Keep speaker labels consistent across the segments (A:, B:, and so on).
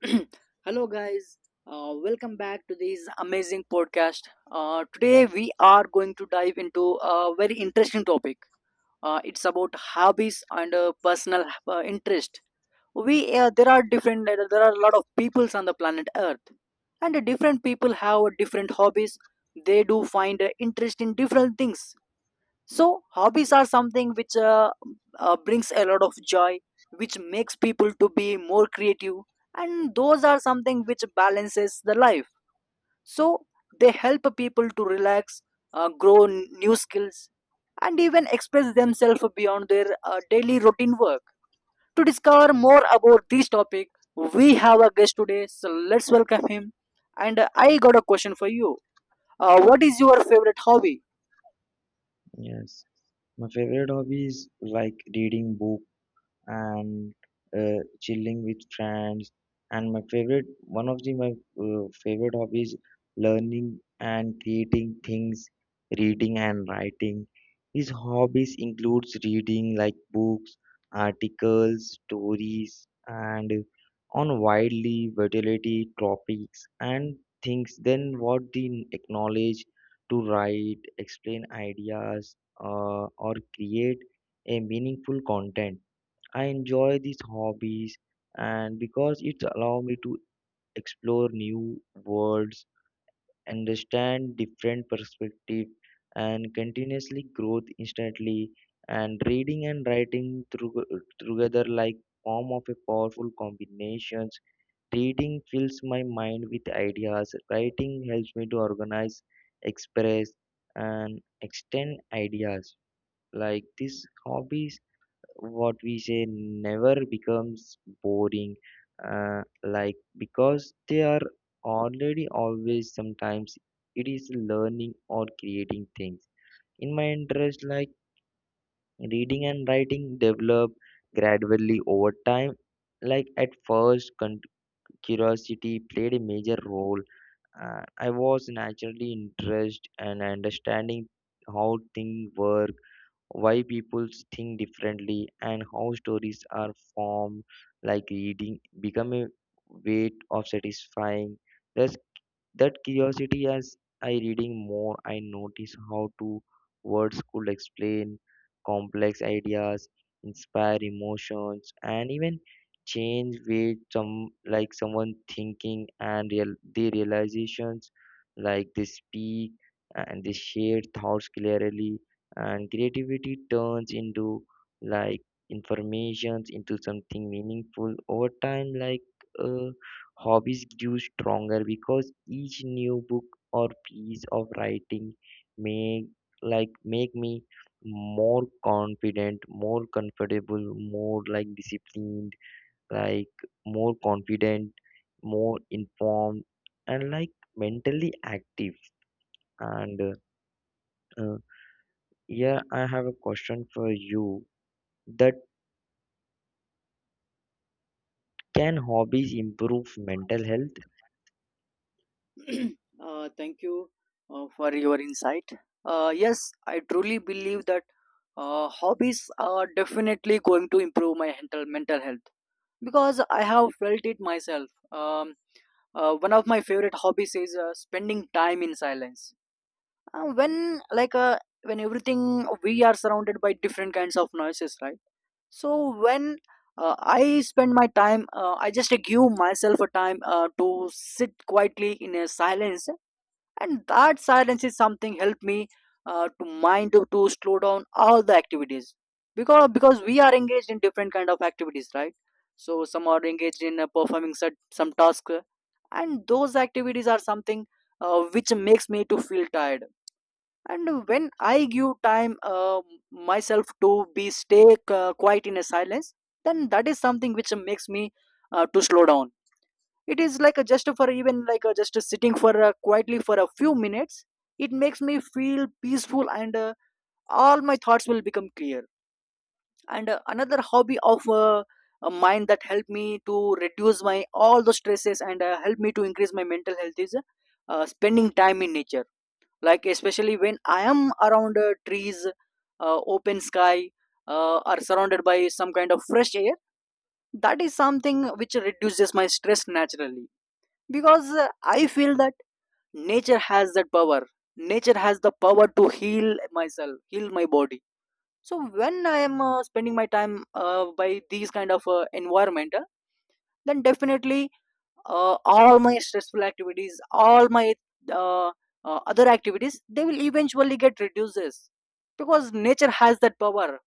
A: Hello, guys. Welcome back to this amazing podcast. Today, we are going to dive into a very interesting topic. It's about hobbies and personal interest. We There are different. There are a lot of peoples on the planet Earth, and different people have different hobbies. They do find interest in different things. So hobbies are something which brings a lot of joy, which makes people to be more creative, and those are something which balances the life. So they help people to relax, grow new skills, and even express themselves beyond their daily routine work. To discover more about this topic, we have a guest today, so let's welcome him. And I got a question for you. What is your favorite hobby?
B: Yes, my favorite hobby is like reading book and chilling with friends, and my favorite one of the my favorite hobbies, learning and creating things, reading and writing. His hobbies includes reading like books, articles, stories, and on widely variety topics and things, then what the acknowledge to write, explain ideas, or create a meaningful content. I enjoy these hobbies, and because it allows me to explore new worlds, understand different perspectives, and continuously growth instantly. And reading and writing through, together like form of a powerful combinations. Reading fills my mind with ideas. Writing helps me to organize, express, and extend ideas. Like this hobbies, what we say, never becomes boring, like because they are already always sometimes it is learning or creating things in my interest, like reading and writing develop gradually over time, like at curiosity played a major role. I was naturally interested and understanding how things work, why people think differently, and how stories are formed. Like reading become a way of satisfying the that curiosity. As I reading more, I notice how to words could explain complex ideas, inspire emotions, and even change way some, like someone thinking and real the realizations, like they speak and they share thoughts clearly, and creativity turns into like informations into something meaningful over time. Uh, Hobbies grew stronger because each new book or piece of writing make, like make me more confident, more comfortable, more like disciplined, like more confident, more informed, and like mentally active. And uh, uh, yeah, I have a question for you. That, can hobbies improve mental health?
A: Thank you for your insight. Yes, I truly believe that hobbies are definitely going to improve my mental health because I have felt it myself. One of my favorite hobbies is spending time in silence. Uh, when like uh, when everything we are surrounded by different kinds of noises, right? So when I spend my time, I just give myself a time to sit quietly in a silence, and that silence is something helped me to slow down all the activities, because we are engaged in different kind of activities, right? So some are engaged in performing some task, and those activities are something which makes me to feel tired. And when I give time, myself to be stay quiet in a silence, then that is something which makes me to slow down. It is like a just for even like a just a sitting for a quietly for a few minutes. It makes me feel peaceful, and all my thoughts will become clear. And another hobby of a mind that helped me to reduce my all the stresses, and help me to increase my mental health is spending time in nature, like especially when I am around trees, open sky, are surrounded by some kind of fresh air. That is something which reduces my stress naturally, because I feel that nature has that power. Nature has the power to heal myself, heal my body. So when I am spending my time by these kind of environment, then definitely all my stressful activities, all my uh, other activities, they will eventually get reduces, because nature has that power.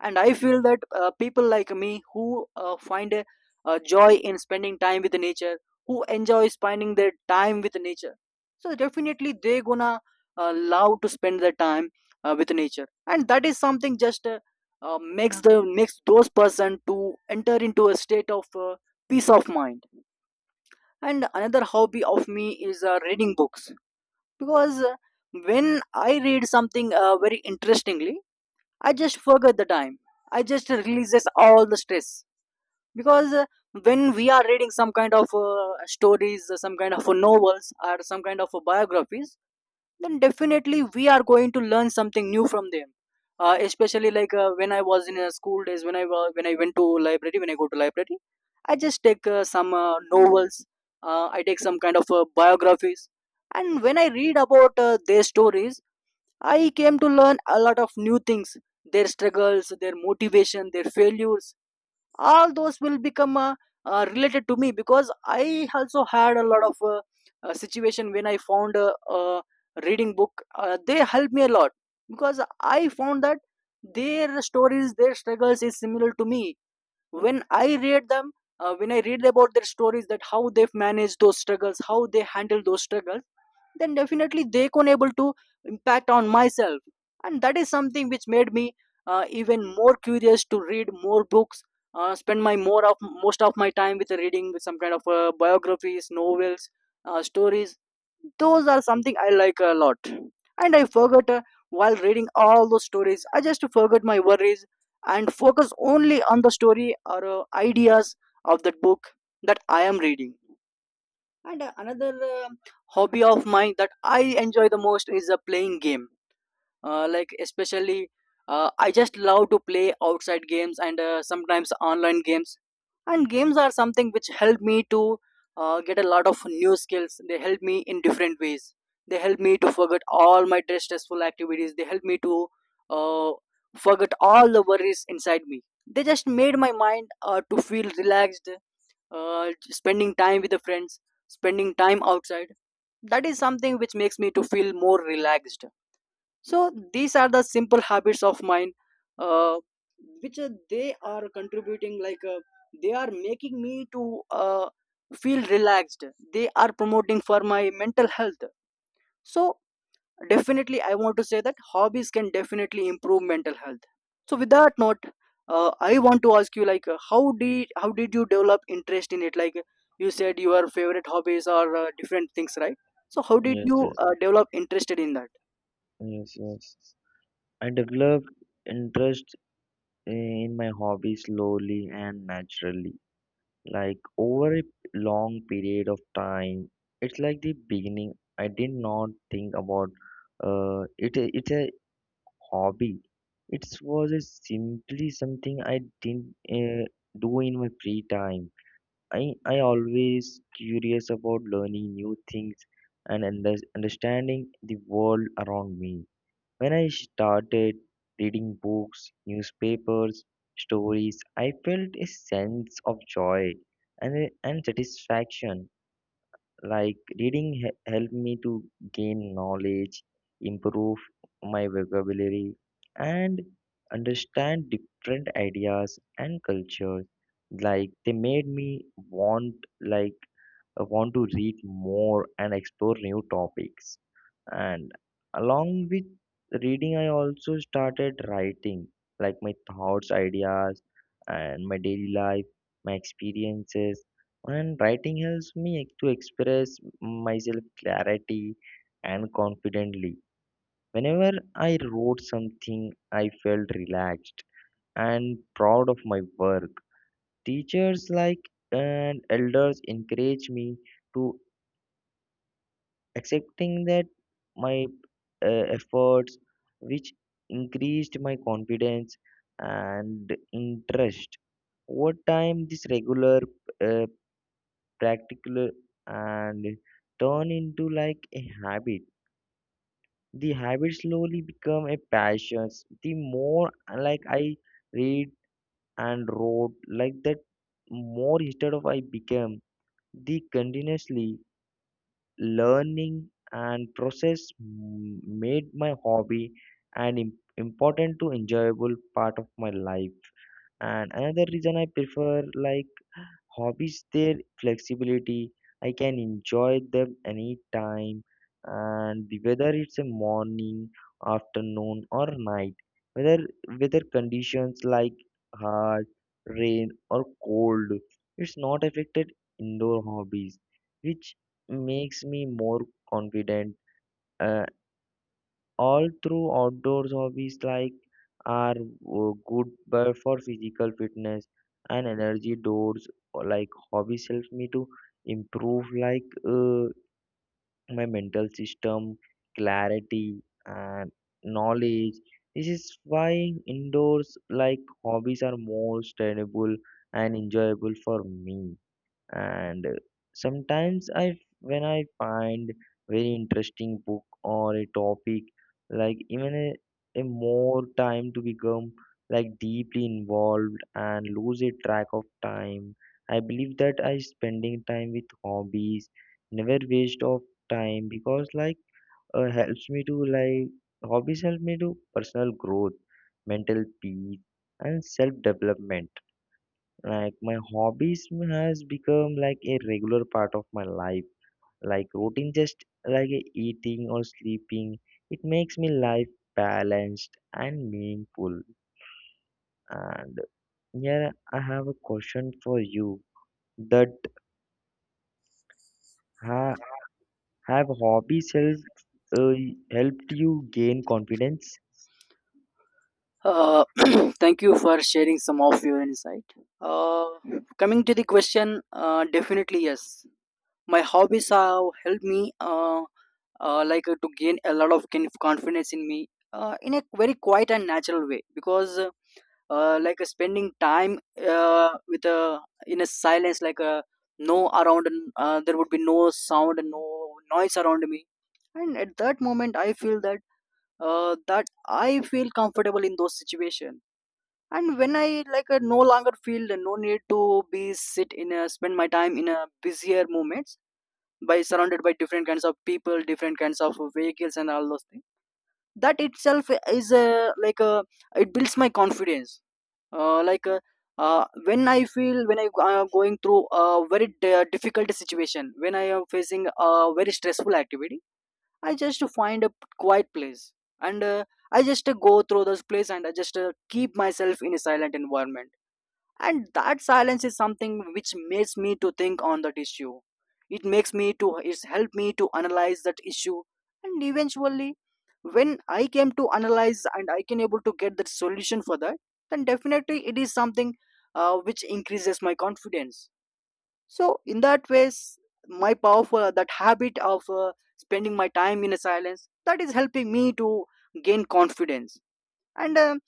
A: And I feel that people like me who find a joy in spending time with nature, who enjoy spending their time with nature, so definitely they gonna love to spend their time with nature. And that is something just makes the makes those person to enter into a state of peace of mind. And another hobby of me is reading books, because when I read something very interestingly, I just forget the time. I just releases all the stress, because when we are reading some kind of stories, some kind of novels, or some kind of biographies, then definitely we are going to learn something new from them. Especially like, when I was in school days, when I when I go to library, I just take some novels, I take some kind of biographies. And when I read about their stories, I came to learn a lot of new things, their struggles, their motivation, their failures. All those will become related to me, because I also had a lot of situation when I found a reading book they helped me a lot, because I found that their stories, their struggles is similar to me. When I read them, when I read about their stories, that how they've managed those struggles, how they handle those struggles, then definitely they can able to impact on myself. And that is something which made me even more curious to read more books, spend my more of most of my time with reading, with some kind of biographies, novels, stories. Those are something I like a lot. And I forgot, while reading all those stories, I just forgot my worries and focus only on the story or ideas of that book that I am reading. And another hobby of mine that I enjoy the most is playing game. Like especially, I just love to play outside games, and sometimes online games. And games are something which help me to get a lot of new skills. They help me in different ways. They help me to forget all my stressful activities. They help me to uh, forget all the worries inside me. They just made my mind to feel relaxed. Spending time with the friends, spending time outside, that is something which makes me to feel more relaxed. So these are the simple habits of mine, uh, which they are contributing, like they are making me to feel relaxed. They are promoting for my mental health. So definitely I want to say that hobbies can definitely improve mental health. So with that note, I want to ask you, like how did you develop interest in it, like you said your favorite hobbies are different things, right? So how did
B: Yes,
A: you
B: yes,
A: develop interested in that?
B: yes, yes. I develop interest in my hobby slowly and naturally, like over a long period of time. It's like the beginning, I did not think about it. It's a hobby. It was a simply something I didn't do in my free time. I always curious about learning new things and understanding the world around me. When I started reading books, newspapers, stories, I felt a sense of joy and satisfaction. Like reading helped me to gain knowledge, improve my vocabulary, and understand different ideas and cultures. Like they made me want, like want to read more and explore new topics, and along with reading, I also started writing, like my thoughts, ideas, and my daily life, my experiences. And writing helps me to express myself clarity and confidently. Whenever I wrote something, I felt relaxed and proud of my work. Teachers like and elders encourage me to accepting that my efforts, which increased my confidence and interest. Over time, this regular uh, practical and turn into like a habit. The habit slowly become a passion. The more like I read and wrote, like that more instead of I became the continuously learning and process made my hobby an important to enjoyable part of my life. And another reason I prefer like hobbies, their flexibility, I can enjoy them anytime. And whether it's a morning, afternoon, or night, whether weather conditions like hard rain or cold, it's not affected indoor hobbies, which makes me more confident. uh, all through outdoors hobbies like are good but for physical fitness and energy doors, or like hobbies helps me to improve like my mental system, clarity, and knowledge. This is why indoors like hobbies are more sustainable and enjoyable for me. And sometimes I, when I find very interesting book or a topic, like even a more time to become like deeply involved and lose a track of time. I believe that I spending time with hobbies never waste of time, because like helps me to, like hobbies help me to personal growth, mental peace, and self development. Like my hobbies has become like a regular part of my life, like routine, just like a eating or sleeping. It makes me life balanced and meaningful. And here I have a question for you, that ha- have hobbies help uh, helped you gain confidence?
A: Uh, thank you for sharing some of your insight. Uh, Coming to the question, definitely yes. My hobbies have helped me, to gain a lot of confidence in me, in a very quiet and natural way. Because spending time with a in a silence, like no around, and there would be no sound and no noise around me. And at that moment, I feel that I feel comfortable in those situations. And when I like no longer feel the no need to be sit in a spend my time in a busier moments, by surrounded by different kinds of people, different kinds of vehicles, and all those things, that itself is a like a, it builds my confidence. uh, like uh, uh, when I feel, when I am going through a very difficult situation, when I am facing a very stressful activity, I just find a quiet place. And I just go through those place, and I just keep myself in a silent environment. And that silence is something which makes me to think on that issue. It makes me to it's helped me to analyze that issue. And eventually, when I came to analyze, and I can able to get the solution for that, then definitely it is something which increases my confidence. So in that ways, my powerful that habit of spending my time in a silence, that is helping me to gain confidence. And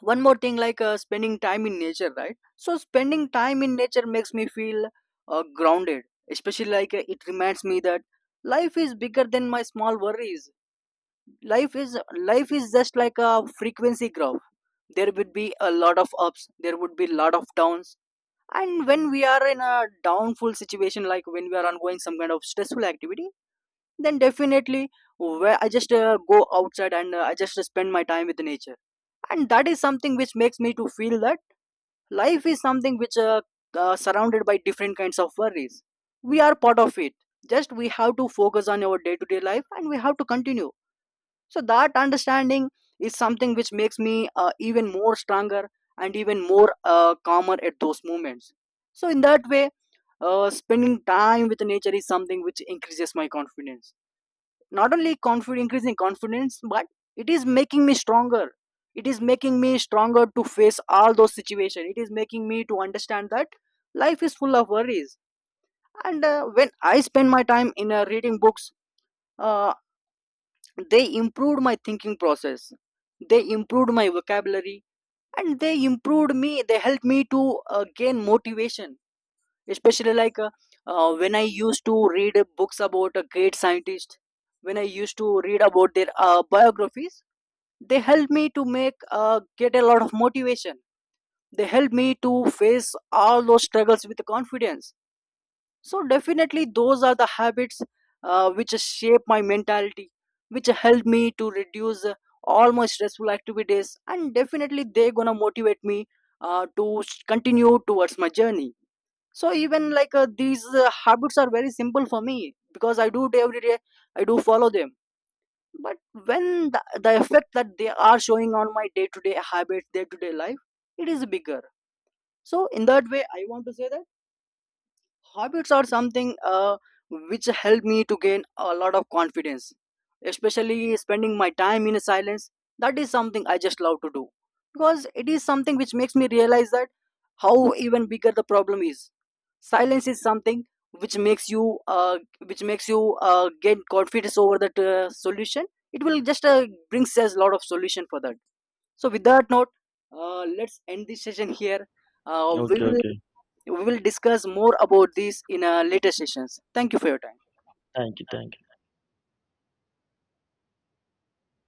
A: one more thing, like spending time in nature, right? So spending time in nature makes me feel grounded. Especially like it reminds me that life is bigger than my small worries. Life is just like a frequency graph. There would be a lot of ups, there would be a lot of downs. And when we are in a downful situation, like when we are ongoing some kind of stressful activity, then definitely where I just go outside, and I just spend my time with nature. And that is something which makes me to feel that life is something which surrounded by different kinds of worries. We are part of it. Just we have to focus on our day to day life, and we have to continue. So that understanding is something which makes me even more stronger, and even more calmer at those moments. So in that way, spending time with nature is something which increases my confidence. Not only confidence, increasing confidence, but it is making me stronger. It is making me stronger to face all those situations. It is making me to understand that life is full of worries. And when I spend my time in reading books, uh, they improved my thinking process, they improved my vocabulary, and they improved me, they helped me to gain motivation. Especially like when I used to read books about a great scientist, when I used to read about their biographies, they helped me to make get a lot of motivation. They helped me to face all those struggles with confidence. So definitely those are the habits which shape my mentality, which help me to reduce all my stressful activities, and definitely they're gonna motivate me to continue towards my journey. So even like these habits are very simple for me, because I do it every day, I do follow them. But when the effect that they are showing on my day-to-day habits, day-to-day life, it is bigger. So in that way I want to say that habits are something which help me to gain a lot of confidence, especially spending my time in silence. That is something I just love to do, because it is something which makes me realize that how even bigger the problem is. Silence is something which makes you uh, which makes you gain confidence over that solution. It will just brings us a lot of solution for that. So with that note, let's end this session here. Uh, we
B: Okay,
A: will
B: okay.
A: we will discuss more about this in our later sessions. Thank you for your time.
B: Thank you, thank you.